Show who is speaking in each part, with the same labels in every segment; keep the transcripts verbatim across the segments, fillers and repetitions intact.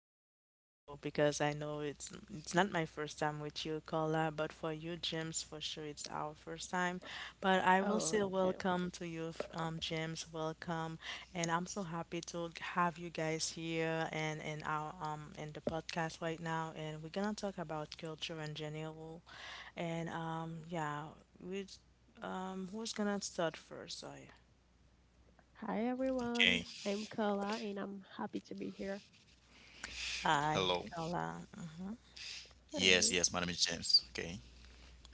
Speaker 1: back for sure because I know it's it's not my first time with you, Carla, but for you, James, for sure it's our first time. But I will say
Speaker 2: Oh, okay.
Speaker 1: welcome to you, f- um, James, welcome, and I'm so happy to have you guys here and in our um in the podcast right now, and we're gonna talk about culture in general, and um yeah, we um who's gonna start first? Sorry.
Speaker 2: Hi,
Speaker 3: Okay,
Speaker 2: everyone. I'm Carla, and I'm happy to be here.
Speaker 1: Hi,
Speaker 3: hello.
Speaker 1: Carla.
Speaker 3: Yes,
Speaker 2: Hi.
Speaker 3: yes, my name is James. Okay.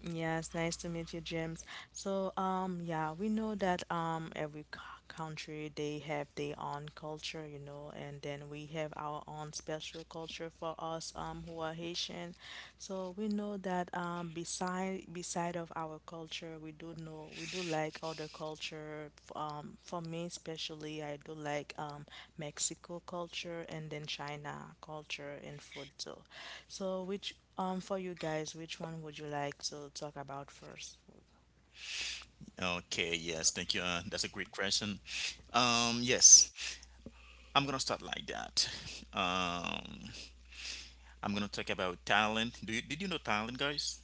Speaker 1: Yes, nice to meet you, James. So, um, yeah, we know that um every c- country they have their own culture, you know, and then we have our own special culture for us um who are Haitian. So we know that um beside beside of our culture. We do know we do like other culture. F- Um, for me especially, I do like um, Mexico culture and then China culture and food too. So which um for you guys, which one would you like to talk about first?
Speaker 3: Okay, yes, thank you. Uh, that's a great question. Um, yes, I'm gonna start like that. Um, I'm gonna talk about Thailand. Do you did you know Thailand, guys?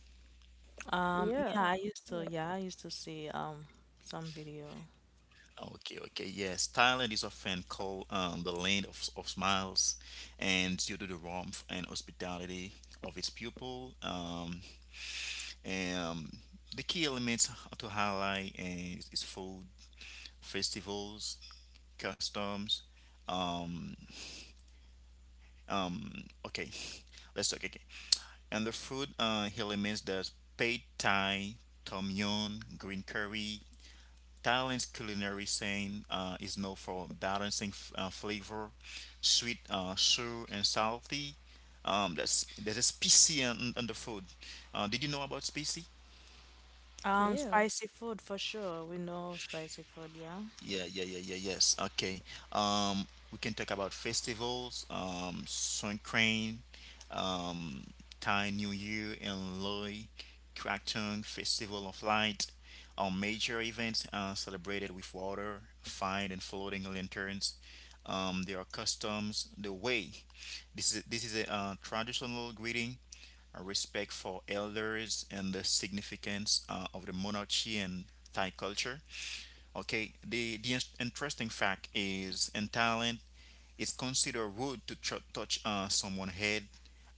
Speaker 1: Um, yeah,
Speaker 2: Yeah,
Speaker 1: I
Speaker 2: of
Speaker 1: used to
Speaker 2: course.
Speaker 1: yeah I used to see um some video.
Speaker 3: Okay, okay, yes. Thailand is often called um, the land of, of smiles, and due to the warmth and hospitality of its people. um, um, the key elements to highlight is, is food, festivals, customs. Um, okay, let's talk again. And the food uh, he limits there's pad thai, tom yum, green curry. Thailand's culinary scene uh, is known for balancing f- uh, flavor, sweet, uh, sour, and salty. Um, that's, there's a spicy on, on the food. Uh, did you know about spicy?
Speaker 1: Um,
Speaker 2: Yeah,
Speaker 1: spicy food for sure. We know spicy food, yeah.
Speaker 3: Yeah, yeah, yeah, yeah, yes. Okay. Um, we can talk about festivals, um, Songkran, um, Thai New Year and Loi Krathong Festival of Light, our major events uh, celebrated with water, fire, and floating lanterns. Um, there are customs, the way. This is this is a uh, traditional greeting, a respect for elders, and the significance uh, of the monarchy and Thai culture. Okay, the, the interesting fact is in Thailand, it's considered rude to ch- touch uh, someone's head,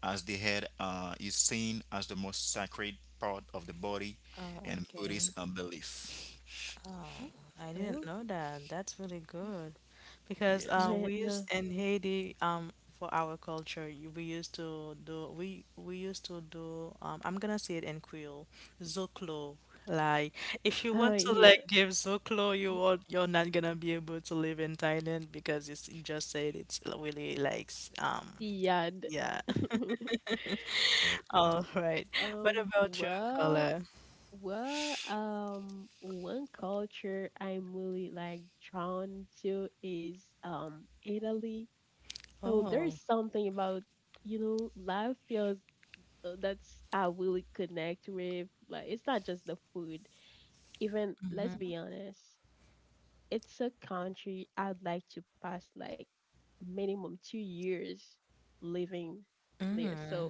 Speaker 3: as the head uh, is seen as the most sacred part of the body
Speaker 1: Oh,
Speaker 3: in
Speaker 1: okay.
Speaker 3: Buddhist uh, belief.
Speaker 1: Oh, I didn't
Speaker 2: okay.
Speaker 1: know that. That's really good. Because
Speaker 3: Yes.
Speaker 1: uh, we
Speaker 2: And, uh,
Speaker 1: use in Haiti um for our culture, you- we used to do we we used to do um I'm gonna say it in Creole, zoclo. Like if you want
Speaker 2: uh,
Speaker 1: to like
Speaker 2: yeah,
Speaker 1: give zoclo, you won't, you're not gonna be able to live in Thailand because you you just said it's really like s- um
Speaker 2: Siad.
Speaker 1: yeah. All
Speaker 3: Everything.
Speaker 1: right. What
Speaker 2: Um,
Speaker 1: about your
Speaker 2: well,
Speaker 1: color?
Speaker 2: well, um, one culture I'm really like drawn to is um Italy. So there's
Speaker 1: Oh.
Speaker 2: something about, you know, life feels uh, that's I really connect with. Like it's not just the food. Even let's be honest, it's a country I'd like to pass like minimum two years living there. So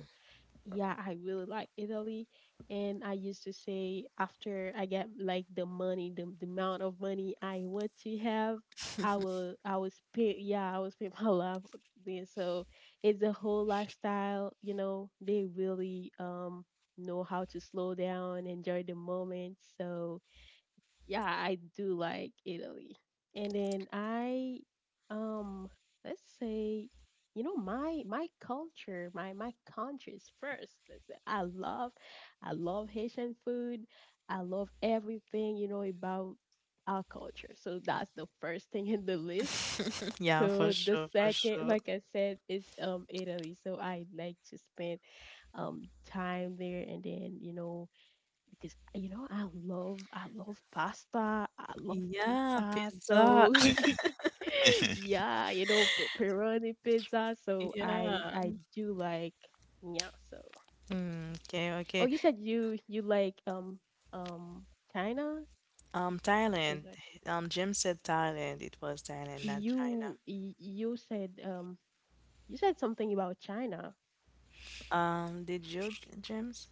Speaker 2: yeah, I really like Italy. And I used to say after I get like the money, the, the amount of money I want to have, I will I will spend yeah, I will spend my life there. So it's a whole lifestyle, you know, they really um know how to slow down, enjoy the moment. So yeah, I do like Italy. And then I um let's say you know my my culture, my my country is first. Let's say I love I love Haitian food. I love everything, you know, about our culture. So that's the first thing in the list.
Speaker 1: Yeah, for
Speaker 2: So the
Speaker 1: sure, for
Speaker 2: second,
Speaker 1: sure.
Speaker 2: like I said, is um Italy. So I like to spend um time there and then, you know, because you know I love I love pasta, I love
Speaker 1: Yeah,
Speaker 2: pizza,
Speaker 1: pizza.
Speaker 2: so yeah, you know pe- pepperoni pizza. So
Speaker 1: Yeah.
Speaker 2: I I do like yeah. So
Speaker 1: Mm, okay,
Speaker 2: oh,
Speaker 1: okay.
Speaker 2: you said you you like um um China
Speaker 1: Um,
Speaker 2: is
Speaker 1: Thailand.
Speaker 2: like
Speaker 1: Um, James said Thailand. It was Thailand, not China.
Speaker 2: you y- you said um you said something about China.
Speaker 1: Um, did you, James?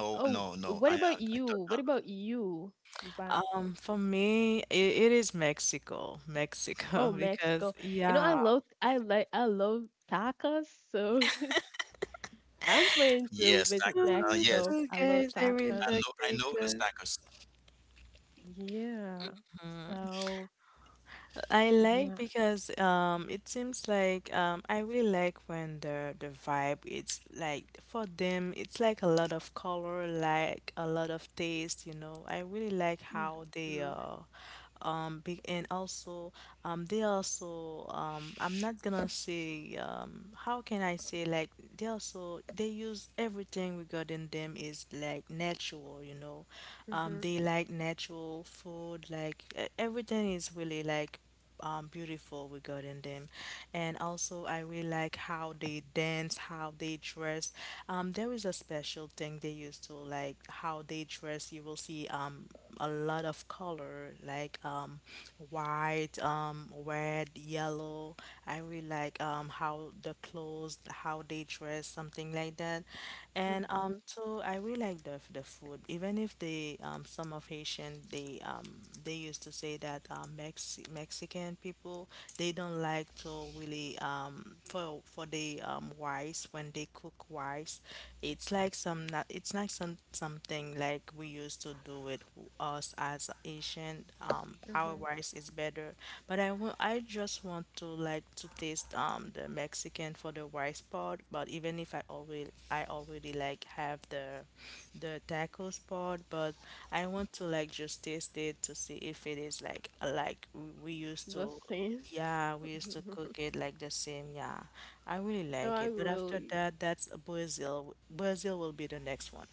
Speaker 3: no,
Speaker 2: Oh,
Speaker 3: no,
Speaker 2: what
Speaker 3: no. I, I,
Speaker 2: about you?
Speaker 3: I thought,
Speaker 2: What about you? Vi-
Speaker 1: Um, for me, it, it is Mexico.
Speaker 2: Oh,
Speaker 1: Mexico, because
Speaker 2: Mexico. You know I
Speaker 1: yeah.
Speaker 2: love I like I love tacos. So I'm planning to
Speaker 1: Me
Speaker 3: yes,
Speaker 2: visit
Speaker 3: tacos.
Speaker 1: too,
Speaker 3: Uh,
Speaker 1: me
Speaker 3: yes,
Speaker 2: Mexico.
Speaker 1: too,
Speaker 2: I love
Speaker 1: guys. I really
Speaker 3: I
Speaker 2: tacos.
Speaker 1: like
Speaker 3: know, I know the
Speaker 1: tacos.
Speaker 3: tacos.
Speaker 2: Yeah. So
Speaker 1: I like
Speaker 2: yeah.
Speaker 1: because um it seems like um I really like when the the vibe, it's like for them it's like a lot of color, like a lot of taste, you know, I really like how they
Speaker 2: Mm-hmm.
Speaker 1: uh um big and also um they also um I'm not gonna say, um how can I say, like they also they use everything regarding them is like natural people, you know. Um,
Speaker 2: Mm-hmm.
Speaker 1: they like natural food, like e- everything is really like um, beautiful regarding them. And also, I really like how they dance, how they dress. Um, there is a special thing they used to like how they dress. You will see um, a lot of color, like um, white, um, red, yellow. I really like um, how the clothes clothes, how they dress, something like that. And um,
Speaker 2: Mm-hmm.
Speaker 1: so I really like the the food. Even if they um some of Haitian they um they used to say that um Mex Mexican people they don't like to really um for for the um rice when they cook rice, it's like some not it's like some something like we used to do with us as Asian um our
Speaker 2: Mm-hmm.
Speaker 1: rice is better. But I want I just want to like to taste um the Mexican for the rice part. But even if I already I already like have the the tacos part, but I want to like just taste it to see if it is like like we we used
Speaker 2: The
Speaker 1: to.
Speaker 2: same.
Speaker 1: Yeah, we used to cook it like the same. Yeah, I really
Speaker 2: So
Speaker 1: like
Speaker 2: I
Speaker 1: it. But after
Speaker 2: really.
Speaker 1: that, that's Brazil. Brazil will be the next one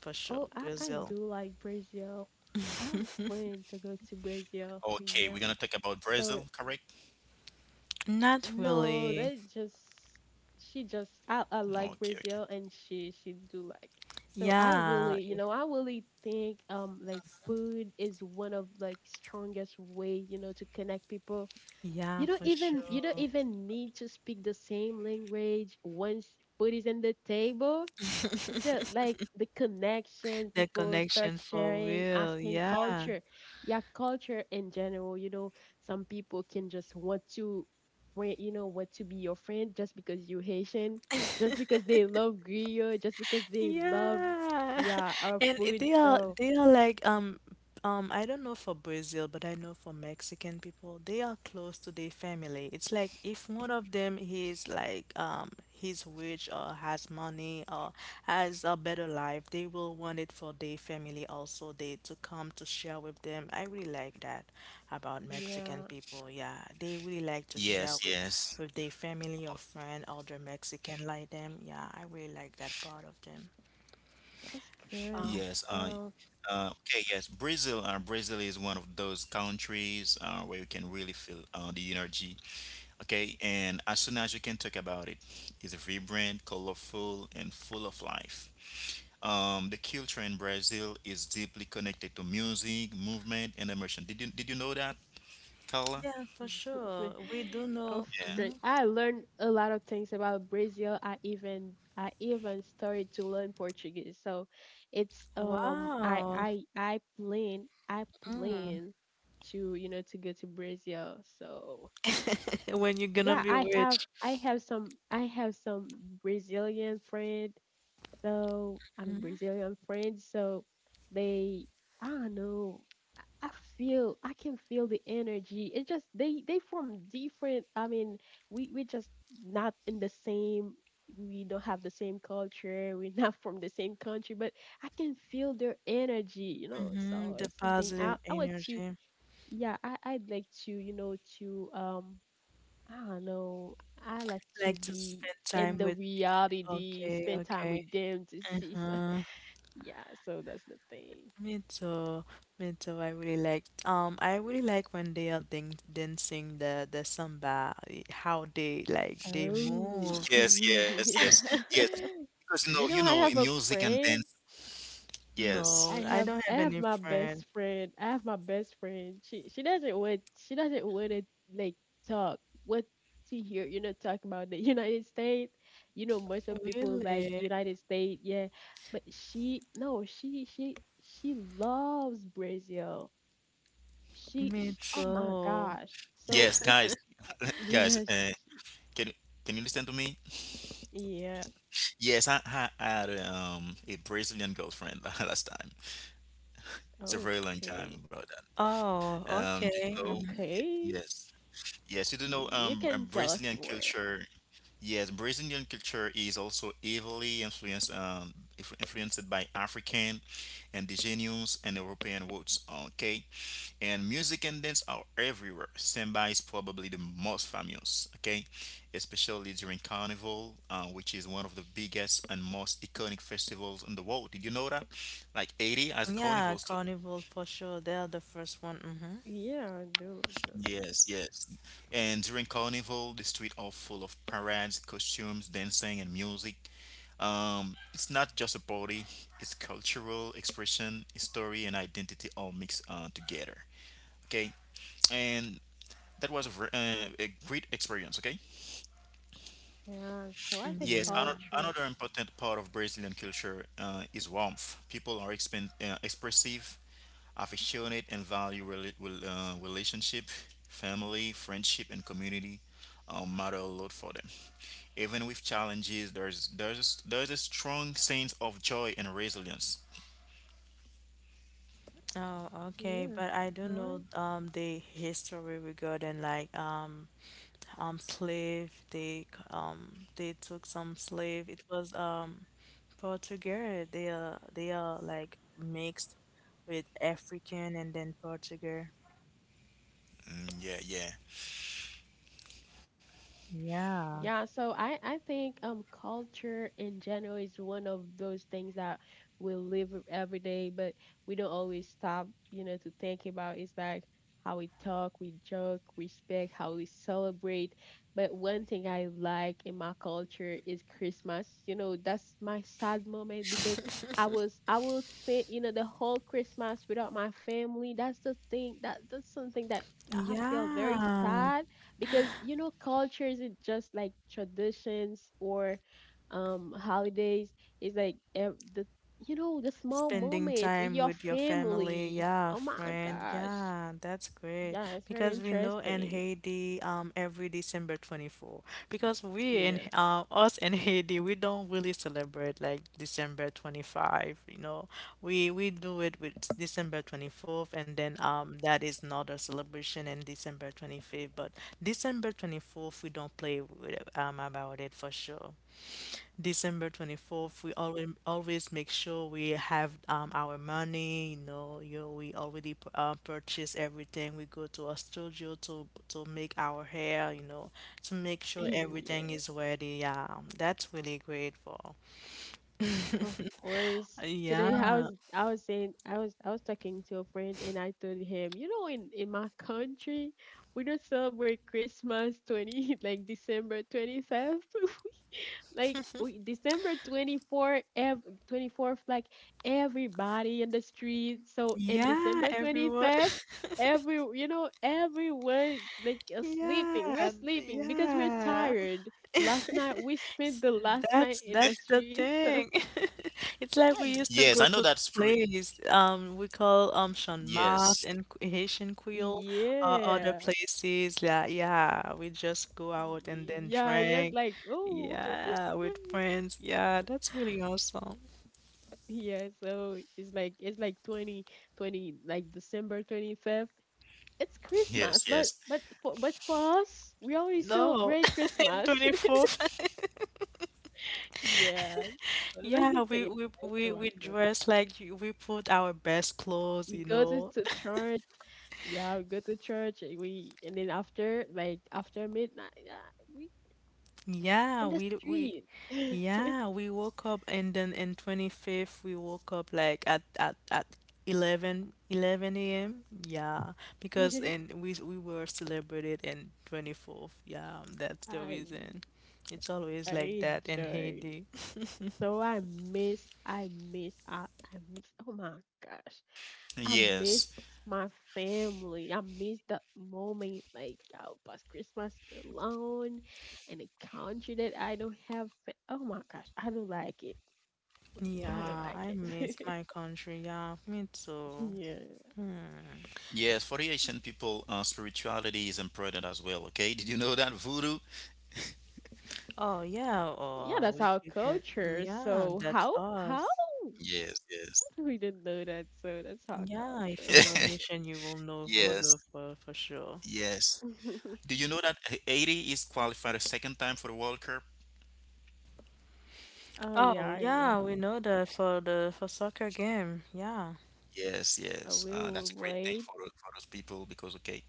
Speaker 1: for
Speaker 2: Oh,
Speaker 1: sure.
Speaker 2: I I
Speaker 1: Brazil.
Speaker 2: do like Brazil. I was planning to go to Brazil.
Speaker 3: Okay, we're gonna
Speaker 2: Yeah.
Speaker 3: talk about Brazil,
Speaker 2: So
Speaker 3: correct?
Speaker 1: Not
Speaker 2: no,
Speaker 1: really.
Speaker 2: they just she just I, I
Speaker 3: Okay,
Speaker 2: like
Speaker 3: okay.
Speaker 2: Brazil and she she do like. So I
Speaker 1: Yeah,
Speaker 2: really you know I really think um like food is one of like strongest way you know to connect people.
Speaker 1: yeah,
Speaker 2: You don't
Speaker 1: for
Speaker 2: even you don't
Speaker 1: sure.
Speaker 2: even need to speak the same language. Once food is on the table, it's the like the connection.
Speaker 1: That
Speaker 2: People start
Speaker 1: connection for
Speaker 2: sharing,
Speaker 1: real.
Speaker 2: asking
Speaker 1: Yeah.
Speaker 2: culture, yeah, culture in general, you know. Some people can just want to friend, you know, want to be your friend just because you Haitian, just because they love griot, just because they love
Speaker 1: Yeah.
Speaker 2: yeah our
Speaker 1: And i-
Speaker 2: food.
Speaker 1: they are
Speaker 2: So
Speaker 1: they are like um um I don't know for Brazil, but I know for Mexican people, they are close to their family. It's like if one of them is like um he's rich or has money or has a better life, they will want it for their family also. They to come to share with them. I really like that about Mexican
Speaker 2: yeah,
Speaker 1: people. Yeah, they really like to share
Speaker 3: Yes,
Speaker 1: with
Speaker 3: yes.
Speaker 1: with their family or
Speaker 3: Okay.
Speaker 1: friend or their Mexican like them. Yeah, I really like that part of them.
Speaker 2: that's good.
Speaker 1: Uh,
Speaker 3: Yes, uh,
Speaker 2: So
Speaker 3: Uh, okay, yes, Brazil. Uh, Brazil is one of those countries uh, where you can really feel uh, the energy. Okay, and as soon as you can talk about it, it's vibrant, colorful, and full of life. Um, the culture in Brazil is deeply connected to music, movement, and emotion. Did you did you know that, Carla?
Speaker 1: yeah, for sure. We do
Speaker 2: of
Speaker 1: know.
Speaker 2: great.
Speaker 1: Mhm.
Speaker 3: Yeah.
Speaker 2: I learned a lot of things about Brazil. I even I even started to learn Portuguese. So it's um I
Speaker 1: Wow.
Speaker 2: I I plan I
Speaker 1: Mm.
Speaker 2: plan to you know to go to Brazil. So
Speaker 1: When you're gonna
Speaker 2: yeah,
Speaker 1: be
Speaker 2: i have
Speaker 1: rich.
Speaker 2: i have some i have some Brazilian friend, so I mean Brazilian friends. So they, I don't know, i I feel I can feel the energy. It just they they from different, I mean, we we just not in the same, we don't have the same culture, we're not from the same country, but I can feel their energy, you know, so
Speaker 1: Mm-hmm. The
Speaker 2: it's something i
Speaker 1: positive
Speaker 2: i want to
Speaker 1: energy.
Speaker 2: yeah. I i'd like to, you know, to um I don't know. I like to
Speaker 1: Like to
Speaker 2: be
Speaker 1: spend
Speaker 2: in
Speaker 1: time
Speaker 2: the
Speaker 1: with.
Speaker 2: reality,
Speaker 1: Okay,
Speaker 2: spend time
Speaker 1: okay.
Speaker 2: with them to see. some-
Speaker 1: Uh-huh.
Speaker 2: Yeah, so that's the thing.
Speaker 1: Me too. Me too. I really like. Um, I really like when they are dan- dancing the the samba. eh, How they like they
Speaker 2: Oh,
Speaker 1: move.
Speaker 3: Yes, yes, yes,
Speaker 2: yeah.
Speaker 3: yes. Because you know, you
Speaker 2: You know,
Speaker 3: know,
Speaker 2: I
Speaker 3: in
Speaker 2: have a
Speaker 3: music and dance.
Speaker 2: friend.
Speaker 3: Yes,
Speaker 2: I
Speaker 1: No, I
Speaker 2: have
Speaker 1: don't
Speaker 2: I
Speaker 1: have
Speaker 2: have
Speaker 1: any
Speaker 2: my
Speaker 1: friend.
Speaker 2: best friend. I have my best friend. She she doesn't want she doesn't want to like talk what to hear, you know, talk about the United States. You know, most of people like
Speaker 1: Really?
Speaker 2: United States, yeah. But she no, she she she loves Brazil. She,
Speaker 1: Me
Speaker 2: sh oh my
Speaker 1: too.
Speaker 2: gosh. So
Speaker 3: yes, guys, guys.
Speaker 2: yeah, sh-
Speaker 3: Uh, can you- can you listen to me?
Speaker 2: yeah.
Speaker 3: Yes, I, I had um a Brazilian girlfriend last time. It's a very long time
Speaker 2: Okay.
Speaker 3: about that.
Speaker 1: Oh,
Speaker 3: Um, do you
Speaker 1: okay.
Speaker 3: know? Ye-
Speaker 1: Hmm.
Speaker 2: Okay.
Speaker 3: yes, yes. You do know um
Speaker 2: You
Speaker 3: uh,
Speaker 2: can tell
Speaker 3: Brazilian
Speaker 2: us more.
Speaker 3: culture. Yes, Brazilian culture is also heavily influenced um influ- influenced by African, indigenous, and European roots. Okay, and music and dance are everywhere. Samba is probably the most famous, okay, especially during Carnival, uh, which is one of the biggest and most iconic festivals in the world. Did you know that? Like eighty as a
Speaker 1: Yeah,
Speaker 3: carnival too.
Speaker 1: Carnival for sure. They're the first one. Mm-hmm.
Speaker 2: Yeah, no. Do.
Speaker 3: Yes, yes. And during Carnival, the streets are full of parades, costumes, dancing, and music. Um, it's not just a party; it's cultural expression, history, and identity all mixed uh, together. Okay, and that was a ver- uh, a great experience, okay?
Speaker 2: Yeah, so I think
Speaker 1: Mm,
Speaker 3: Yes,
Speaker 1: yeah.
Speaker 3: ano-
Speaker 2: culture,
Speaker 3: another important part of Brazilian culture uh, is warmth. People are expen- uh, expressive, affectionate, and value rela- rel- uh, relationship, family, friendship, and community uh, matter a lot for them. Even with challenges, there's there's there's a strong sense of joy and resilience.
Speaker 1: Oh, okay.
Speaker 2: yes,
Speaker 1: But I don't know
Speaker 2: right.
Speaker 1: um the history regarding like um um slave. They c- um they took some slave. It was um Portuguese. They are they are like mixed with African and then Portuguese.
Speaker 3: Mm, yeah, yeah.
Speaker 1: Yeah.
Speaker 2: Yeah, so I I think um culture in general is one of those things that we live with every day, but we don't always stop, you know, to think about. It's like how we talk, we joke, respect, how we celebrate. But one thing I like in my culture is Christmas. You know, that's my sad moment because I was I will spend, you know, the whole Christmas without my family. That's the thing that that's something that I feel very
Speaker 1: Yeah.
Speaker 2: sad, because you know culture isn't just like traditions or um holidays, it's like ev- the, you know, the small
Speaker 1: Spending
Speaker 2: moments with
Speaker 1: time
Speaker 2: your
Speaker 1: with your family,
Speaker 2: family.
Speaker 1: yeah,
Speaker 2: Oh my
Speaker 1: friend,
Speaker 2: gosh,
Speaker 1: yeah, that's great.
Speaker 2: yeah, it's very
Speaker 1: Because we know in
Speaker 2: interesting.
Speaker 1: Haiti, um, every December twenty-fourth, because we in
Speaker 2: Yeah.
Speaker 1: uh, us in Haiti, we don't really celebrate like December twenty-fifth, you know. We we do it with December twenty-fourth, and then um, that is not a celebration in December twenty-fifth, but December twenty-fourth, we don't play with, um about it for sure. December twenty-fourth, we always always make sure we have um, our money, you know, you know, we already p- uh, purchase everything. We go to a studio to to make our hair, you know, to make sure everything
Speaker 2: Yeah,
Speaker 1: is ready. Yeah, that's really great for.
Speaker 2: of course
Speaker 1: Yeah,
Speaker 2: today I was I was saying I was I was talking to a friend, and I told him, you know, in in my country we don't celebrate christmas twenty like december twenty-fifth like we, December twenty-fourth ev- twenty-fourth like everybody in the street. So in
Speaker 1: yeah,
Speaker 2: December
Speaker 1: everyone.
Speaker 2: 25th every you know everyone like uh, sleeping, we're
Speaker 1: Yeah,
Speaker 2: sleeping because we're
Speaker 1: yeah.
Speaker 2: tired. Last night we spent
Speaker 1: S-
Speaker 2: the last night
Speaker 1: That's
Speaker 2: in the
Speaker 1: that's the
Speaker 2: streets. So
Speaker 1: thing. It's like we
Speaker 3: Yes, I
Speaker 1: used
Speaker 3: know
Speaker 1: to
Speaker 2: I,
Speaker 3: that
Speaker 1: go to the
Speaker 3: spirit.
Speaker 1: place um we call um Sean
Speaker 3: Yes,
Speaker 1: Mas and Q- Haitian Creole or other
Speaker 2: yeah
Speaker 1: places. Yeah, yeah, we just go out and then
Speaker 2: yeah yes
Speaker 1: drink,
Speaker 2: like oh that's
Speaker 1: yeah, with
Speaker 2: nice.
Speaker 1: friends, yeah, that's really awesome.
Speaker 2: Yeah, so it's like it's like twenty twenty, like
Speaker 3: yes,
Speaker 2: December
Speaker 3: yes,
Speaker 2: 25th it's Christmas, but but for but for us, we already
Speaker 1: No,
Speaker 2: celebrate
Speaker 1: in
Speaker 2: Christmas.
Speaker 1: twenty-fourth.
Speaker 2: Yeah, so that's the
Speaker 1: Yeah, we
Speaker 2: thing.
Speaker 1: we
Speaker 2: I like
Speaker 1: we
Speaker 2: about
Speaker 1: we dress
Speaker 2: culture.
Speaker 1: like you- we put our best clothes,
Speaker 2: We
Speaker 1: you
Speaker 2: go to,
Speaker 1: know.
Speaker 2: to church. Yeah, we go to church. And We and then after like after midnight, yeah, we
Speaker 1: Yeah,
Speaker 2: in the
Speaker 1: we we
Speaker 2: street.
Speaker 1: yeah, we woke up and then in twenty-fifth we woke up like at at at eleven eleven a m. Yeah, because and we we were celebrated in twenty-fourth. Yeah, that's the
Speaker 2: I
Speaker 1: reason. It's always like
Speaker 2: I
Speaker 1: that in
Speaker 2: enjoy.
Speaker 1: Haiti.
Speaker 2: So I miss I miss I, I miss. Oh my gosh, I
Speaker 3: yes.
Speaker 2: miss my family. I miss that moment, like I'll pass Christmas alone in a country that I don't have. Fa- oh my gosh, I don't like it. I don't
Speaker 1: Yeah,
Speaker 2: like
Speaker 1: I miss
Speaker 2: it.
Speaker 1: my country. Yeah, me too.
Speaker 2: Yeah,
Speaker 1: Hmm.
Speaker 3: Yes, for the Haitian people, uh, spirituality is important as well. Okay, did you know that voodoo?
Speaker 1: Oh yeah,
Speaker 2: yeah,
Speaker 1: or
Speaker 2: that's
Speaker 1: we,
Speaker 2: our
Speaker 1: we can.
Speaker 2: culture.
Speaker 1: Yeah,
Speaker 2: So
Speaker 1: that's
Speaker 2: how how
Speaker 1: us.
Speaker 3: Yes,
Speaker 2: we didn't know that? So that's our
Speaker 1: Yeah, if you
Speaker 2: culture.
Speaker 1: know
Speaker 3: yes,
Speaker 1: Haitian, you will know
Speaker 3: yes,
Speaker 1: Voodoo for for sure.
Speaker 3: yes. Do you know that Ha- Haiti is qualified a second time for the World Cup?
Speaker 2: Oh yeah,
Speaker 1: Oh
Speaker 2: I know.
Speaker 1: yeah, we know that for the for soccer game. Yeah.
Speaker 3: Yes,
Speaker 2: I
Speaker 3: yes. Uh,
Speaker 2: will
Speaker 3: that's a great thing
Speaker 2: wait.
Speaker 3: for for those people because okay,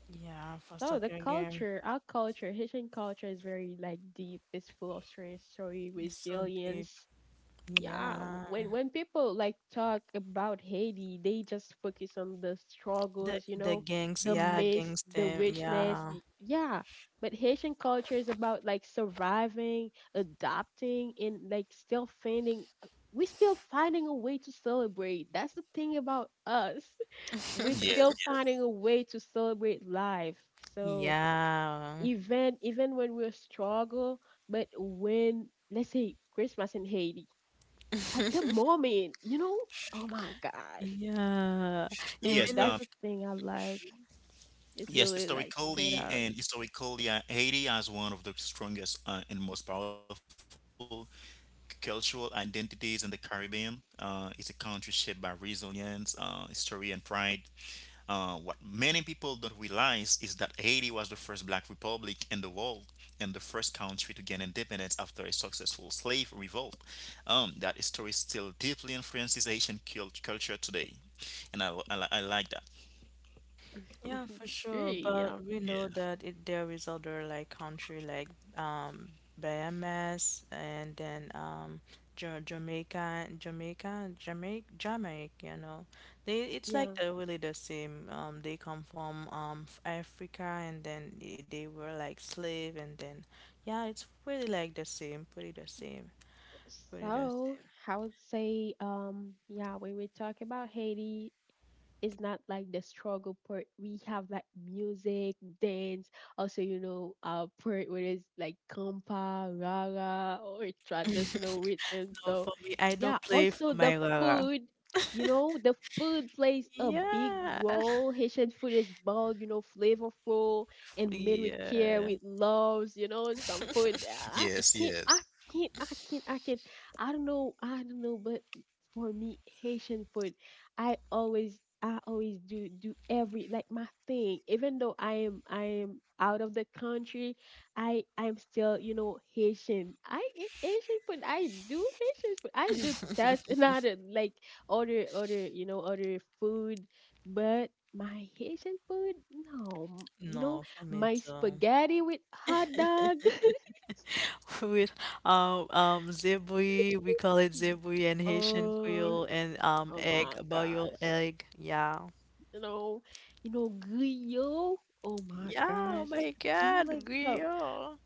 Speaker 1: Yeah, for
Speaker 2: So
Speaker 1: soccer
Speaker 2: the
Speaker 1: game.
Speaker 2: culture, our culture, Haitian culture is very like deep. It's full of strength, story,
Speaker 1: It's so deep.
Speaker 2: resilience. Yeah, w-
Speaker 1: Yeah.
Speaker 2: when when people like talk about Haiti, they just focus on the
Speaker 1: The
Speaker 2: struggles, you
Speaker 1: the
Speaker 2: know,
Speaker 1: gangs,
Speaker 2: the
Speaker 1: yeah,
Speaker 2: myths,
Speaker 1: gangs
Speaker 2: the
Speaker 1: team.
Speaker 2: richness.
Speaker 1: Yeah.
Speaker 2: y- Yeah, but Haitian culture is about like surviving, adapting, and like still finding. We're still finding a way to celebrate. That's the thing about us. We're
Speaker 3: yes,
Speaker 2: still
Speaker 3: yes,
Speaker 2: finding a way to celebrate life. So
Speaker 1: Yeah.
Speaker 2: even even when we struggle, but when let's say Christmas in Haiti, at the moment, you know, oh my gosh.
Speaker 1: Yeah.
Speaker 2: So
Speaker 3: yes.
Speaker 1: Even
Speaker 2: that's
Speaker 3: Um,
Speaker 2: the
Speaker 1: if.
Speaker 2: thing I like. It's
Speaker 3: yes,
Speaker 2: really like stand
Speaker 3: historically
Speaker 2: out.
Speaker 3: and historically, uh, Haiti as one of the strongest uh, and most powerful cultural identities in the Caribbean. Uh, it's a country shaped by resilience, uh, history, and pride. Uh, what many people don't realize is that Haiti was the first black republic in the world and the first country to gain independence after a successful slave revolt. Um, that story still deeply influences Haitian cult- culture today. And I, I, li- I like that.
Speaker 1: Yeah, for sure.
Speaker 2: Yeah.
Speaker 1: But we
Speaker 3: Yeah.
Speaker 1: know that it, there is other like country like um Bahamas and then um Ja- Jamaica, Jamaica, Jamaica, Jamaica, you know. They it's like
Speaker 2: Yeah.
Speaker 1: they're really the same. Um, they come from um f- Africa and then they, they were like slave and then yeah, it's really like the same, pretty the same, pretty the
Speaker 2: So I would say, um, yeah, when we talk about Haiti, it's not like the struggle part. We have like music, dance, also you know, uh, part where it's like compa, rara, or
Speaker 1: same.
Speaker 2: traditional rhythm.
Speaker 1: No,
Speaker 2: So
Speaker 1: for me, I
Speaker 2: yeah,
Speaker 1: don't play for
Speaker 2: also the
Speaker 1: my Rara.
Speaker 2: food. You know, the food plays a big
Speaker 1: Yeah,
Speaker 2: role. Haitian food is bold, you know, flavorful and made with care,
Speaker 1: yeah.
Speaker 2: with loves, you know, some food. Uh, I
Speaker 3: Yes,
Speaker 2: can't, I
Speaker 3: yes.
Speaker 2: can't, I can't, I can't. I don't know, I don't know, but for me, Haitian food I always I always do do every like my thing. Even though I am I am out of the country, I I'm still, you know, Haitian. I eat Haitian food. I do Haitian food. I do test another like other other, you know, other food, but my Haitian food, no. You know, my
Speaker 1: Novamente, um,
Speaker 2: spaghetti with hot dog.
Speaker 1: with um um zebui, we call it zebui and Haitian
Speaker 2: Oh,
Speaker 1: Creole and um
Speaker 2: oh
Speaker 1: egg,
Speaker 2: my
Speaker 1: boiled
Speaker 2: gosh.
Speaker 1: egg. Yeah.
Speaker 2: you know, you know, Guyo. Oh my
Speaker 1: Yeah, oh
Speaker 2: gosh,
Speaker 1: my
Speaker 2: I do like
Speaker 1: God,
Speaker 2: so.
Speaker 1: griot.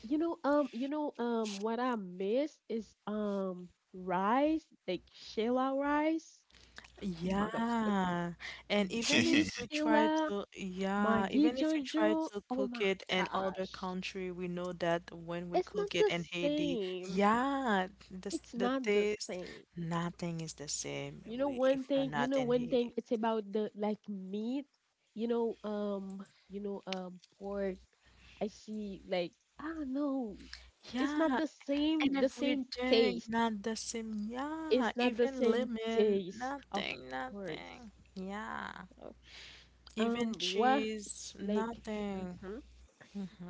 Speaker 2: You know, um, you know, um, what I miss is um rice, like Sheila rice. Oh my gosh, like
Speaker 1: Yeah. And even if
Speaker 2: Jewish
Speaker 1: we try
Speaker 2: Sheila,
Speaker 1: to, yeah,
Speaker 2: Maggi
Speaker 1: even if we try
Speaker 2: Jojo.
Speaker 1: to
Speaker 2: Oh
Speaker 1: cook
Speaker 2: my
Speaker 1: it in other
Speaker 2: gosh,
Speaker 1: country, we know that when we
Speaker 2: it's not
Speaker 1: cook it
Speaker 2: the
Speaker 1: in Haiti,
Speaker 2: same.
Speaker 1: yeah, the s-
Speaker 2: It's
Speaker 1: the
Speaker 2: not the
Speaker 1: taste,
Speaker 2: same.
Speaker 1: nothing is the same
Speaker 2: You know
Speaker 1: we-
Speaker 2: one
Speaker 1: if we're
Speaker 2: thing, you
Speaker 1: not
Speaker 2: know
Speaker 1: in
Speaker 2: one thing,
Speaker 1: Haiti.
Speaker 2: it's about the like meat. You know, um, you know, um, pork. I see like I don't know. It's not
Speaker 1: Yeah,
Speaker 2: the same the
Speaker 1: every
Speaker 2: same
Speaker 1: day,
Speaker 2: taste.
Speaker 1: not the same. Yeah,
Speaker 2: It's not the
Speaker 1: even
Speaker 2: same
Speaker 1: lemon,
Speaker 2: taste, of
Speaker 1: nothing,
Speaker 2: course.
Speaker 1: nothing. Yeah,
Speaker 2: Oh,
Speaker 1: even
Speaker 2: Um, what
Speaker 1: cheese,
Speaker 2: like
Speaker 1: nothing.
Speaker 2: mhm.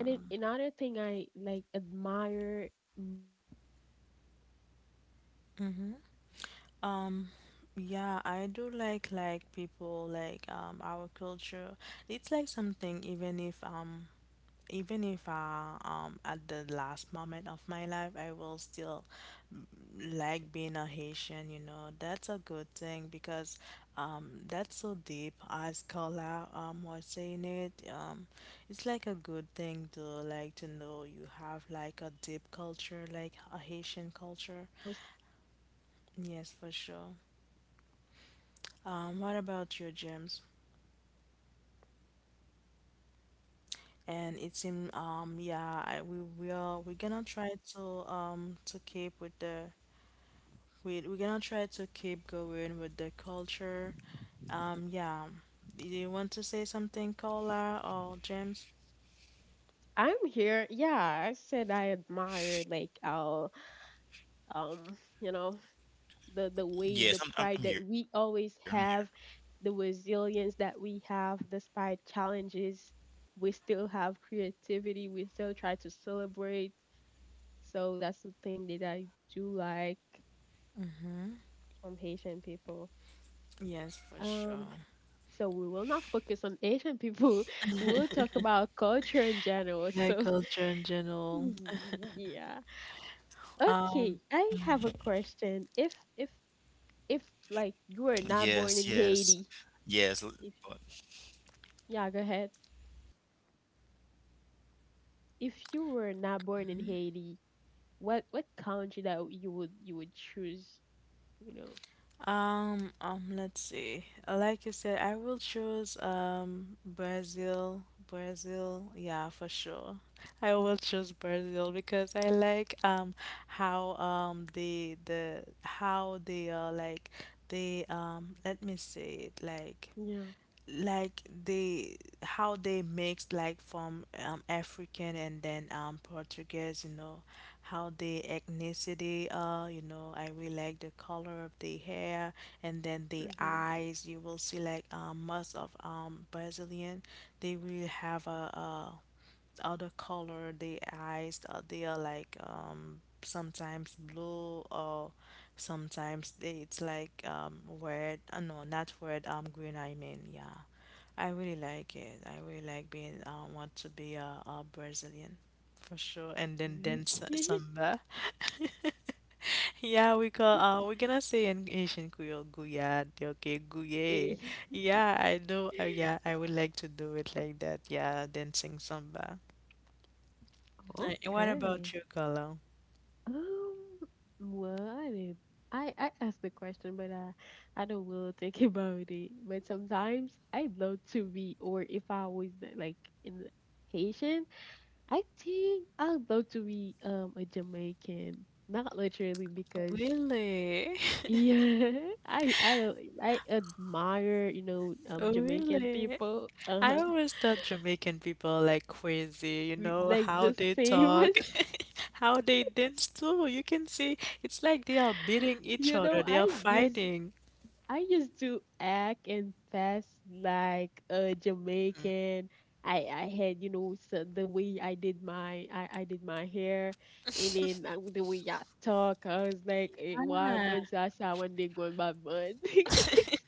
Speaker 2: And then another thing I like admire most about like Haitian people is the
Speaker 1: Mm-hmm.
Speaker 2: pride we have,
Speaker 1: Um,
Speaker 2: the
Speaker 1: yeah,
Speaker 2: resilience.
Speaker 1: I do
Speaker 2: You know,
Speaker 1: like
Speaker 2: despite
Speaker 1: like
Speaker 2: like
Speaker 1: people like
Speaker 2: challenges,
Speaker 1: um our
Speaker 2: there is
Speaker 1: culture.
Speaker 2: still
Speaker 1: It's like
Speaker 2: um
Speaker 1: something even if
Speaker 2: creativity,
Speaker 1: um
Speaker 2: humor.
Speaker 1: even
Speaker 2: So
Speaker 1: if
Speaker 2: I
Speaker 1: I
Speaker 2: don't
Speaker 1: um at
Speaker 2: know
Speaker 1: the
Speaker 2: if I
Speaker 1: last
Speaker 2: if
Speaker 1: moment of
Speaker 2: I
Speaker 1: my
Speaker 2: don't know
Speaker 1: life I will still
Speaker 2: I should I would I
Speaker 1: like
Speaker 2: would
Speaker 1: being
Speaker 2: be
Speaker 1: a Haitian, you
Speaker 2: I'll be
Speaker 1: know. That's a
Speaker 2: Haitian.
Speaker 1: good thing because um that's so deep as Carla um was saying it. Um it's like a good thing to like to know you have like a deep culture, like a Haitian culture. Yes, for sure. Um what about you, James? And it seems um yeah I, we will we're gonna try to um to keep with the we we're gonna try to keep going with the culture. Um, yeah. Do you want to say something, Cola or James?
Speaker 2: I'm here. Yeah, I said I admire like our um you know
Speaker 3: yes, I'm,
Speaker 2: the
Speaker 3: I'm,
Speaker 2: the
Speaker 3: I'm here. I'm
Speaker 2: way, the
Speaker 3: here.
Speaker 2: pride that we always have, the resilience that we have despite challenges. We still have creativity, we still try to celebrate. So that's the thing that I do like from Haitian people.
Speaker 1: Yes, for
Speaker 2: um
Speaker 1: sure.
Speaker 2: so we will not focus on Asian people. We'll talk about culture in general.
Speaker 1: Yeah,
Speaker 2: So
Speaker 1: culture in general.
Speaker 2: yeah, okay,
Speaker 1: Um,
Speaker 2: I have a question. If if
Speaker 3: Yes, yes.
Speaker 2: if Like
Speaker 3: Yes. l-
Speaker 2: you were
Speaker 3: But
Speaker 2: not born in Haiti, if yeah go ahead, if you were not born in
Speaker 3: Yes,
Speaker 2: Haiti,
Speaker 3: um, one
Speaker 2: what
Speaker 3: of
Speaker 2: what
Speaker 3: uh, yes, I'm
Speaker 2: country
Speaker 3: gonna
Speaker 2: that
Speaker 3: talk about
Speaker 2: you would you
Speaker 3: American
Speaker 2: would
Speaker 3: culture now.
Speaker 2: choose?
Speaker 3: like, Yo,
Speaker 2: You
Speaker 3: okay,
Speaker 2: know.
Speaker 3: and
Speaker 1: um, um, let's
Speaker 3: you know,
Speaker 1: see.
Speaker 3: you know that I
Speaker 1: Like
Speaker 3: live
Speaker 1: you
Speaker 3: in
Speaker 1: said, I will
Speaker 3: America. Uh,
Speaker 1: choose
Speaker 3: one of big part
Speaker 1: um
Speaker 3: of American culture
Speaker 1: Brazil.
Speaker 3: is
Speaker 1: Brazil,
Speaker 3: individually.
Speaker 1: yeah, for sure.
Speaker 3: Um, there's a strong
Speaker 1: I will choose
Speaker 3: emphasis
Speaker 1: Brazil
Speaker 3: of
Speaker 1: because
Speaker 3: on
Speaker 1: I
Speaker 3: personal
Speaker 1: like
Speaker 3: freedom,
Speaker 1: um how
Speaker 3: uh,
Speaker 1: um the
Speaker 3: self-expression,
Speaker 1: the
Speaker 3: and
Speaker 1: how
Speaker 3: the
Speaker 1: they are
Speaker 3: idea that you
Speaker 1: like
Speaker 3: can create
Speaker 1: they
Speaker 3: uh, your
Speaker 1: um
Speaker 3: own
Speaker 1: let me
Speaker 3: path. You
Speaker 1: say
Speaker 3: see
Speaker 1: it
Speaker 3: that in
Speaker 1: like
Speaker 3: everything
Speaker 2: Yeah.
Speaker 3: from
Speaker 1: like
Speaker 3: from
Speaker 1: they
Speaker 3: uh,
Speaker 1: how they mixed like
Speaker 3: entrepreneurship and
Speaker 1: from um,
Speaker 3: innovation to
Speaker 1: African
Speaker 3: music,
Speaker 1: and then
Speaker 3: fashion, and
Speaker 1: um
Speaker 3: social
Speaker 1: Portuguese, you
Speaker 3: movement,
Speaker 1: know, how
Speaker 3: right?
Speaker 1: the ethnicity uh you
Speaker 3: Um,
Speaker 1: know I
Speaker 3: there's
Speaker 1: really
Speaker 3: many
Speaker 1: like
Speaker 3: T V
Speaker 1: the color
Speaker 3: shows,
Speaker 1: of the
Speaker 3: music,
Speaker 1: hair
Speaker 3: sh-
Speaker 1: and then
Speaker 3: global
Speaker 1: the
Speaker 2: Mm-hmm.
Speaker 3: pop
Speaker 1: eyes. You
Speaker 3: culture,
Speaker 1: will see like
Speaker 3: Hollywood,
Speaker 1: um
Speaker 3: hip hop,
Speaker 1: most of
Speaker 3: jazz,
Speaker 1: um
Speaker 3: rock, and pop
Speaker 1: Brazilian.
Speaker 3: music.
Speaker 1: They will have
Speaker 3: Um,
Speaker 1: a,
Speaker 3: all
Speaker 1: a
Speaker 3: play a role in
Speaker 1: other
Speaker 3: defining the
Speaker 1: color the
Speaker 3: American sound.
Speaker 1: eyes, uh, they are like
Speaker 3: Uh, sports
Speaker 1: um
Speaker 3: are, are
Speaker 1: sometimes
Speaker 3: also
Speaker 1: blue,
Speaker 3: important, like
Speaker 1: or
Speaker 3: basketball, American
Speaker 1: sometimes they, it's
Speaker 3: football,
Speaker 1: like
Speaker 3: and
Speaker 1: um
Speaker 3: baseball bring
Speaker 1: red, uh,
Speaker 3: people
Speaker 1: no, not
Speaker 3: together.
Speaker 1: red, um green, I
Speaker 3: Yes,
Speaker 1: mean. Yeah,
Speaker 3: uh, and one of
Speaker 1: I
Speaker 3: one of
Speaker 1: really
Speaker 3: the best
Speaker 1: like it.
Speaker 3: thing,
Speaker 1: I
Speaker 3: the
Speaker 1: really
Speaker 3: World
Speaker 1: like
Speaker 3: Cup gonna
Speaker 1: being
Speaker 3: be
Speaker 1: uh,
Speaker 3: in,
Speaker 1: want
Speaker 3: in the
Speaker 1: to be
Speaker 3: United
Speaker 1: a, a
Speaker 3: States,
Speaker 1: Brazilian,
Speaker 3: Mexico,
Speaker 1: for
Speaker 3: and
Speaker 1: sure.
Speaker 3: Canada.
Speaker 1: And then dance
Speaker 2: Okay.
Speaker 3: Do you know
Speaker 1: samba.
Speaker 3: that?
Speaker 1: Yeah, we call, uh we're gonna say in Asian Creole, guyad, okay, guye. Yeah, I know, uh, yeah, I would like to do it like that. Yeah, dancing samba. Like, what
Speaker 2: Okay.
Speaker 1: about you, Carlo?
Speaker 2: Um. Well, I did. I I asked the question, but I I don't really think about it. But sometimes I'd love to be, or if I was the- like in the Haitian, I think I'd love to be um a Jamaican. Not literally because.
Speaker 1: Really?
Speaker 2: Yeah, I I uh, I admire, you know, um Jamaican
Speaker 1: Really?
Speaker 2: people.
Speaker 1: I
Speaker 2: Uh-huh.
Speaker 1: always thought Jamaican people are like crazy, you
Speaker 2: We-
Speaker 1: know,
Speaker 2: Like
Speaker 1: how
Speaker 2: the
Speaker 1: they
Speaker 2: same as,
Speaker 1: talk, how they dance too. You can see it's like they are beating each
Speaker 2: you
Speaker 1: other,
Speaker 2: know,
Speaker 1: they are
Speaker 2: I used
Speaker 1: fighting.
Speaker 2: I used to act and pass like a Jamaican. I I had, you know, so the way I did my I I did my hair and then uh, the way I talk, I was like, eh, wow, Gwen Sasha one day going bad bun.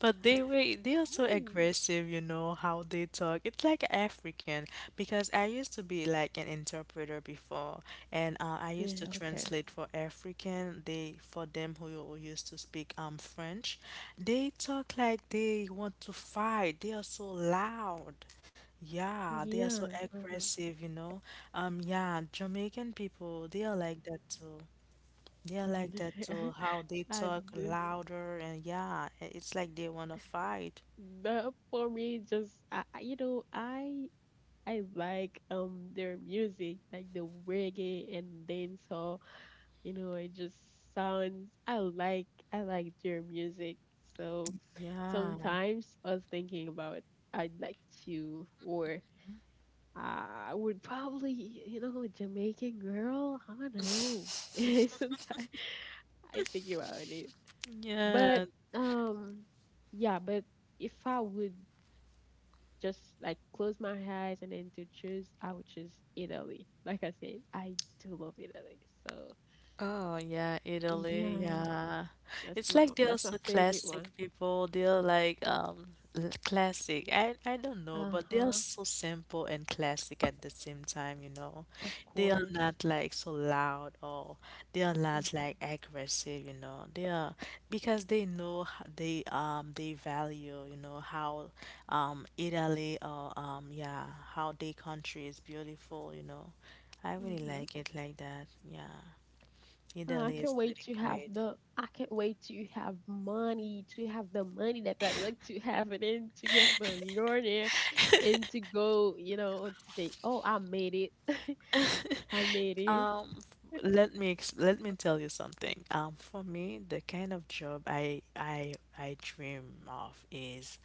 Speaker 1: But they were they are so
Speaker 2: Yes.
Speaker 1: aggressive, you know, how they talk. It's like African, because I used to be like an interpreter before, and uh, I used
Speaker 2: Yeah,
Speaker 1: to
Speaker 2: okay.
Speaker 1: translate for African. They For them, who, who used to speak um French, they talk like they want to fight. They are so loud. Yeah, they are so
Speaker 2: Yeah. Uh-huh.
Speaker 1: aggressive, you know. Um yeah, Jamaican people, they are like that too. Yeah, I
Speaker 2: Mm.
Speaker 1: like that too. How they talk
Speaker 2: And
Speaker 1: louder, and yeah, i- it's like they wanna fight.
Speaker 2: the, for me, just I, I- you know, I I like um their music, like the reggae and dancehall. You know, it just sounds. I like I like their music. So
Speaker 1: Yeah.
Speaker 2: sometimes I was thinking about I'd like to, or uh, I would probably, you know, a Jamaican girl. I don't know. Sometimes I think about it,
Speaker 1: Yeah.
Speaker 2: but um, yeah, but if I would just like close my eyes and then to choose, I would choose Italy. Like I said, I do love Italy. So
Speaker 1: Oh yeah, Italy,
Speaker 2: yeah,
Speaker 1: yeah.
Speaker 2: that's
Speaker 1: It's
Speaker 2: my
Speaker 1: like they're
Speaker 2: that's my
Speaker 1: so
Speaker 2: favorite
Speaker 1: classic
Speaker 2: one.
Speaker 1: people. They're like um l- classic. I I don't know,
Speaker 2: Uh
Speaker 1: but they are
Speaker 2: huh.
Speaker 1: so simple and classic at the same time, you know.
Speaker 2: Of
Speaker 1: They are
Speaker 2: course.
Speaker 1: not like so loud, or they are not
Speaker 2: Mm-hmm.
Speaker 1: like aggressive, you know. They are, because they know, h- they um they value, you know, how um Italy, or um yeah, how their country is beautiful, you know. I really
Speaker 2: Mm-hmm.
Speaker 1: like it like that. Yeah.
Speaker 2: Oh, I
Speaker 1: Italy is
Speaker 2: can't wait
Speaker 1: pretty
Speaker 2: to have
Speaker 1: great.
Speaker 2: the. I can't wait to have money to have the money that I like to have and then to get millionaire and to go. You know, to say, oh, I made it. I made it.
Speaker 1: Um, f- let me ex Let me tell you something. Um, for me, the kind of job I I I dream of is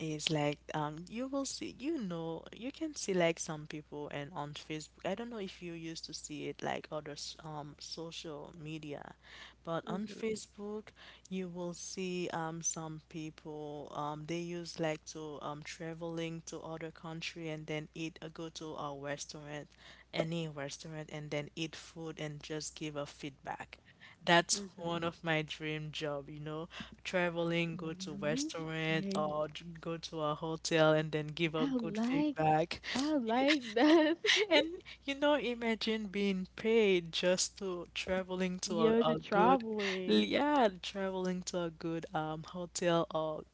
Speaker 1: is like, um you will see, you know, you can see like some people and on Facebook. I don't know if you used to see it like other s- um social media, but on
Speaker 2: Mm-hmm.
Speaker 1: Facebook you will see um some people, um they use like to um traveling to other country, and then eat uh, go to a restaurant, any restaurant, and then eat food and just give a feedback. That's
Speaker 2: Mm-hmm.
Speaker 1: one of my dream job, you know, traveling, go to restaurant,
Speaker 2: And
Speaker 1: or j- go to a hotel and then give
Speaker 2: I
Speaker 1: a good
Speaker 2: like
Speaker 1: feedback.
Speaker 2: I like that.
Speaker 1: And you know, imagine being paid just to traveling to a,
Speaker 2: Yeah, the
Speaker 1: a good,
Speaker 2: traveling.
Speaker 1: yeah, traveling to a good um hotel, or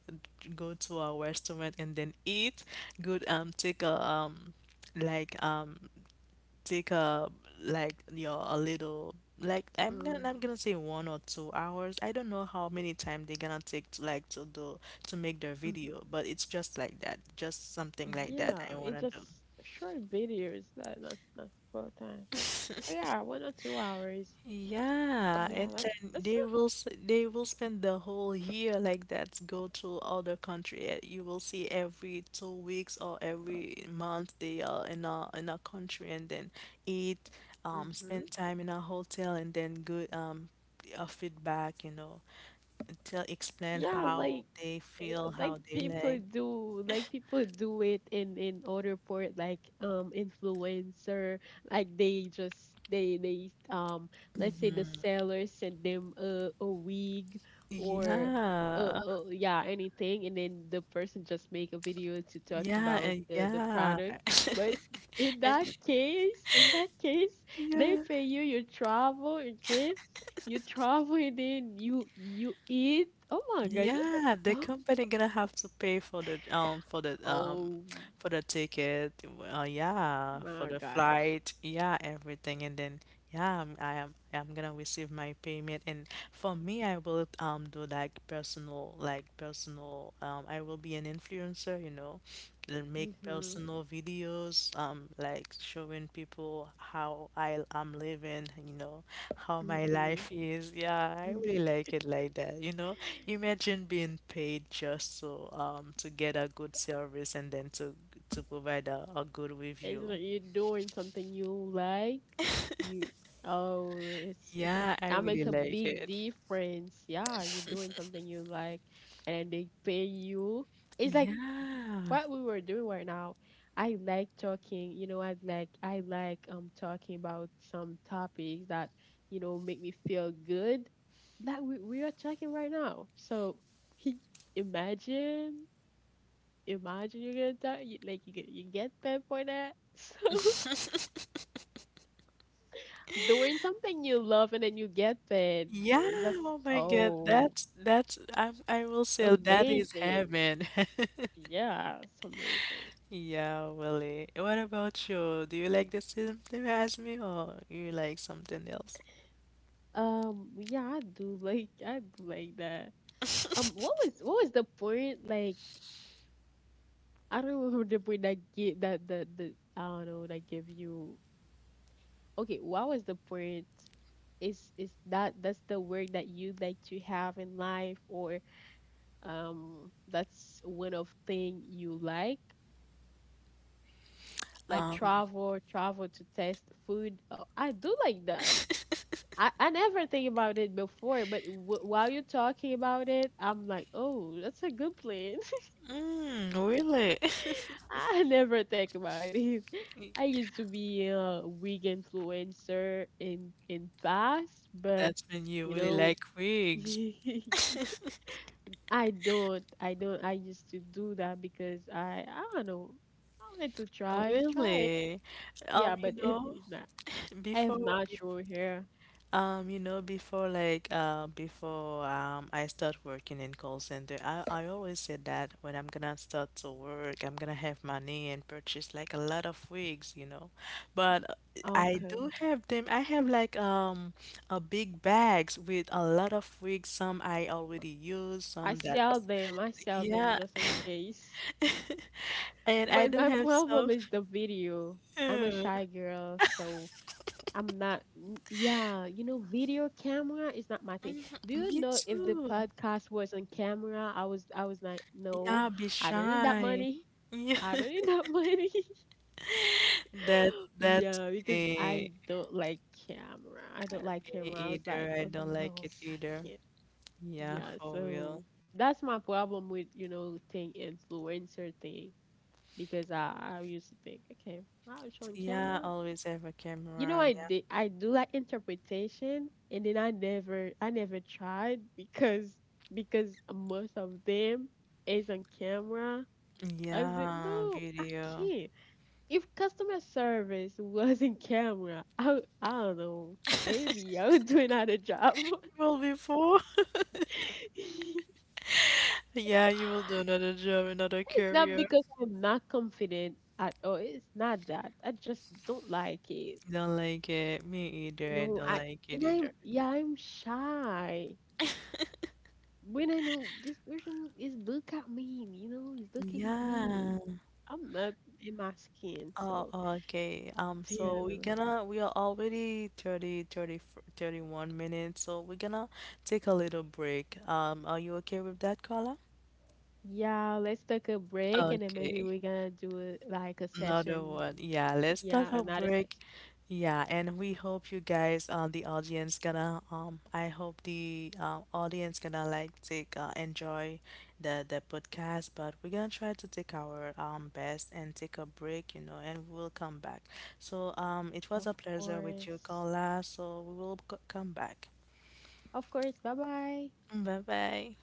Speaker 1: go to a restaurant and then eat good, um take a um like um take a like your a little like, I'm gonna
Speaker 2: Mm,
Speaker 1: I'm gonna say one or two hours. I don't know how many time they're gonna take to like to do to make their
Speaker 2: mhm.
Speaker 1: video, but it's just like that, just something like that
Speaker 2: Yeah,
Speaker 1: I
Speaker 2: it
Speaker 1: wanna
Speaker 2: just
Speaker 1: do.
Speaker 2: short videos that not not full time I think. Yeah, one or two hours.
Speaker 1: Yeah,
Speaker 2: Yeah,
Speaker 1: and
Speaker 2: that's
Speaker 1: then
Speaker 2: that's
Speaker 1: they will s- they will spend the whole year like that. Go to other country. eh, You will see every two weeks or every month they are in a in a country, and then eat,
Speaker 2: a
Speaker 1: um,
Speaker 2: Mhm.
Speaker 1: spend time in a hotel, and then go um a feedback. You know, tell, explain
Speaker 2: Yeah,
Speaker 1: how
Speaker 2: like
Speaker 1: they
Speaker 2: eh,
Speaker 1: feel,
Speaker 2: like
Speaker 1: how they
Speaker 2: people
Speaker 1: like.
Speaker 2: do like people do it in in other port, like um influencer, like they just they they um let's say the seller sent them a, a wig or
Speaker 1: Yeah,
Speaker 2: uh, uh yeah, anything, and then the person just make a video to talk
Speaker 1: yeah,
Speaker 2: about
Speaker 1: and
Speaker 2: the, the
Speaker 1: yeah,
Speaker 2: product. But in
Speaker 1: and
Speaker 2: that case in that case they
Speaker 1: yeah.
Speaker 2: pay you your travel. Okay, you travel and then you you eat. Oh my gosh.
Speaker 1: Yeah, the
Speaker 2: That's a-
Speaker 1: company gonna have to pay for the um for the um
Speaker 2: oh
Speaker 1: for the ticket, uh, yeah, for
Speaker 2: my
Speaker 1: the
Speaker 2: gosh.
Speaker 1: flight, yeah, everything, and then yeah, I'm, I am I'm gonna receive my payment, and for me, I will um do like personal, like personal, um I will be an influencer, you know, and make
Speaker 2: Mhm.
Speaker 1: personal videos, um like showing people how I I'm living, you know, how my life
Speaker 2: Mhm.
Speaker 1: is. Yeah, I really like it like that, you know. Imagine being paid just so um to get a good service, and then to to provide a, a good
Speaker 2: It's
Speaker 1: review.
Speaker 2: like you're doing something you like. You, oh, it's it
Speaker 1: Yeah, I
Speaker 2: that
Speaker 1: really
Speaker 2: makes a
Speaker 1: like
Speaker 2: big
Speaker 1: it.
Speaker 2: difference. Yeah, you're doing something you like, and then they pay you. It's like
Speaker 1: Yeah.
Speaker 2: what we were doing right now, I like talking, you know, I like I like um talking about some topics that, you know, make me feel good. Like we, we are talking right now. So he. Imagine imagine you're gonna talk, you, like you get you get paid for that. So doing something you love and then you get paid
Speaker 1: Yeah,
Speaker 2: is just
Speaker 1: oh my God,
Speaker 2: oh
Speaker 1: that's that's I I will say that is
Speaker 2: amazing.
Speaker 1: heaven.
Speaker 2: Yeah, it's amazing.
Speaker 1: Yeah, Willie. What about you? Do you like the same thing as me, or you like something else?
Speaker 2: Um, yeah, I do like I do like that. Um, what was what was the point? Like, I don't remember the point that gave that the the I don't know that gave you. Okay, what was the point? Is is that that's the work that you'd like to have in life, or um, that's one of thing you like, like
Speaker 1: Um,
Speaker 2: travel, travel to test food. Oh, I do like that. I, I never think about it before, but w- while you're talking about it, I'm like, oh, that's a good plan.
Speaker 1: mm, really?
Speaker 2: I never think about it. I used to be a wig influencer in in past, but
Speaker 1: That's when you
Speaker 2: you
Speaker 1: really
Speaker 2: know,
Speaker 1: like wigs.
Speaker 2: I don't. I don't. I used to do that because I I don't know. I wanted to try try it.
Speaker 1: Really?
Speaker 2: Yeah,
Speaker 1: Um, you
Speaker 2: but it
Speaker 1: know,
Speaker 2: is not. I have
Speaker 1: Before, bef
Speaker 2: natural hair.
Speaker 1: um, you know, before like uh, before um, I start working in call center. I, I always said that when I'm gonna start to work, I'm gonna have money and purchase like a lot of wigs, you know. But uh, I
Speaker 2: Okay,
Speaker 1: do have them. I have like um a big bags with a lot of wigs. Some I already use,
Speaker 2: I
Speaker 1: some that
Speaker 2: sell them. I sell them
Speaker 1: yeah.
Speaker 2: just in case.
Speaker 1: And I
Speaker 2: But
Speaker 1: do
Speaker 2: my
Speaker 1: have
Speaker 2: problem
Speaker 1: some.
Speaker 2: is the video. I'm a shy girl, so I'm not, n- yeah, you know, video camera is not my thing. Do you
Speaker 1: Me
Speaker 2: know if the
Speaker 1: too.
Speaker 2: podcast was on camera, I was, I was like, no,
Speaker 1: Yeah, be
Speaker 2: I don't need that
Speaker 1: shy.
Speaker 2: money.
Speaker 1: Yeah,
Speaker 2: I don't need that money.
Speaker 1: that that
Speaker 2: Yeah, because
Speaker 1: eh,
Speaker 2: I don't like camera. I don't like
Speaker 1: me
Speaker 2: camera. I was
Speaker 1: either.
Speaker 2: like,
Speaker 1: I
Speaker 2: oh
Speaker 1: don't like
Speaker 2: no,
Speaker 1: it
Speaker 2: I
Speaker 1: either.
Speaker 2: can't.
Speaker 1: Yeah,
Speaker 2: Yeah,
Speaker 1: for real.
Speaker 2: so that's my problem with, you know, thing influencer thing because I, I used to think, okay, I was on
Speaker 1: Yeah,
Speaker 2: camera.
Speaker 1: always have a
Speaker 2: You know,
Speaker 1: camera.
Speaker 2: I
Speaker 1: Yeah,
Speaker 2: did, I do like interpretation, and then I never, I never tried because because most of them is on camera. I was like,
Speaker 1: yeah,
Speaker 2: no, I
Speaker 1: video.
Speaker 2: can't. If customer service was in camera, I, w- I don't know. Maybe I would do another job.
Speaker 1: You will be before. Yeah, you will do another job, another
Speaker 2: It's not
Speaker 1: career.
Speaker 2: because I'm not confident at all. It's not that. I just don't like it.
Speaker 1: Don't like it. Me either. I
Speaker 2: No,
Speaker 1: don't
Speaker 2: I
Speaker 1: like it
Speaker 2: and
Speaker 1: either.
Speaker 2: I'm, yeah, I'm shy. When I know this person is look at me, you know, is looking at
Speaker 1: Yeah.
Speaker 2: me. I'm not in my skin,
Speaker 1: Oh,
Speaker 2: so
Speaker 1: okay. Um,
Speaker 2: yeah.
Speaker 1: so
Speaker 2: They're
Speaker 1: we're
Speaker 2: like,
Speaker 1: gonna we are already thirty thirty thirty one minutes, so we're gonna take a little break. Um, are you okay with that, Carla?
Speaker 2: yeah, let's take a break and then maybe
Speaker 1: Okay.
Speaker 2: we're gonna do it like a
Speaker 1: Another
Speaker 2: session.
Speaker 1: one. Yeah, let's talk
Speaker 2: Yeah,
Speaker 1: a
Speaker 2: another
Speaker 1: break.
Speaker 2: session.
Speaker 1: Yeah, and we hope you guys, uh, the audience gonna, um, I hope the uh, audience gonna like take uh, enjoy the the podcast. But we're gonna try to take our um best and take a break, you know, and we'll come back. So um, it was
Speaker 2: Of
Speaker 1: a pleasure with you,
Speaker 2: course.
Speaker 1: Carla. So we will c- come back.
Speaker 2: Of course. Bye bye.
Speaker 1: Bye bye.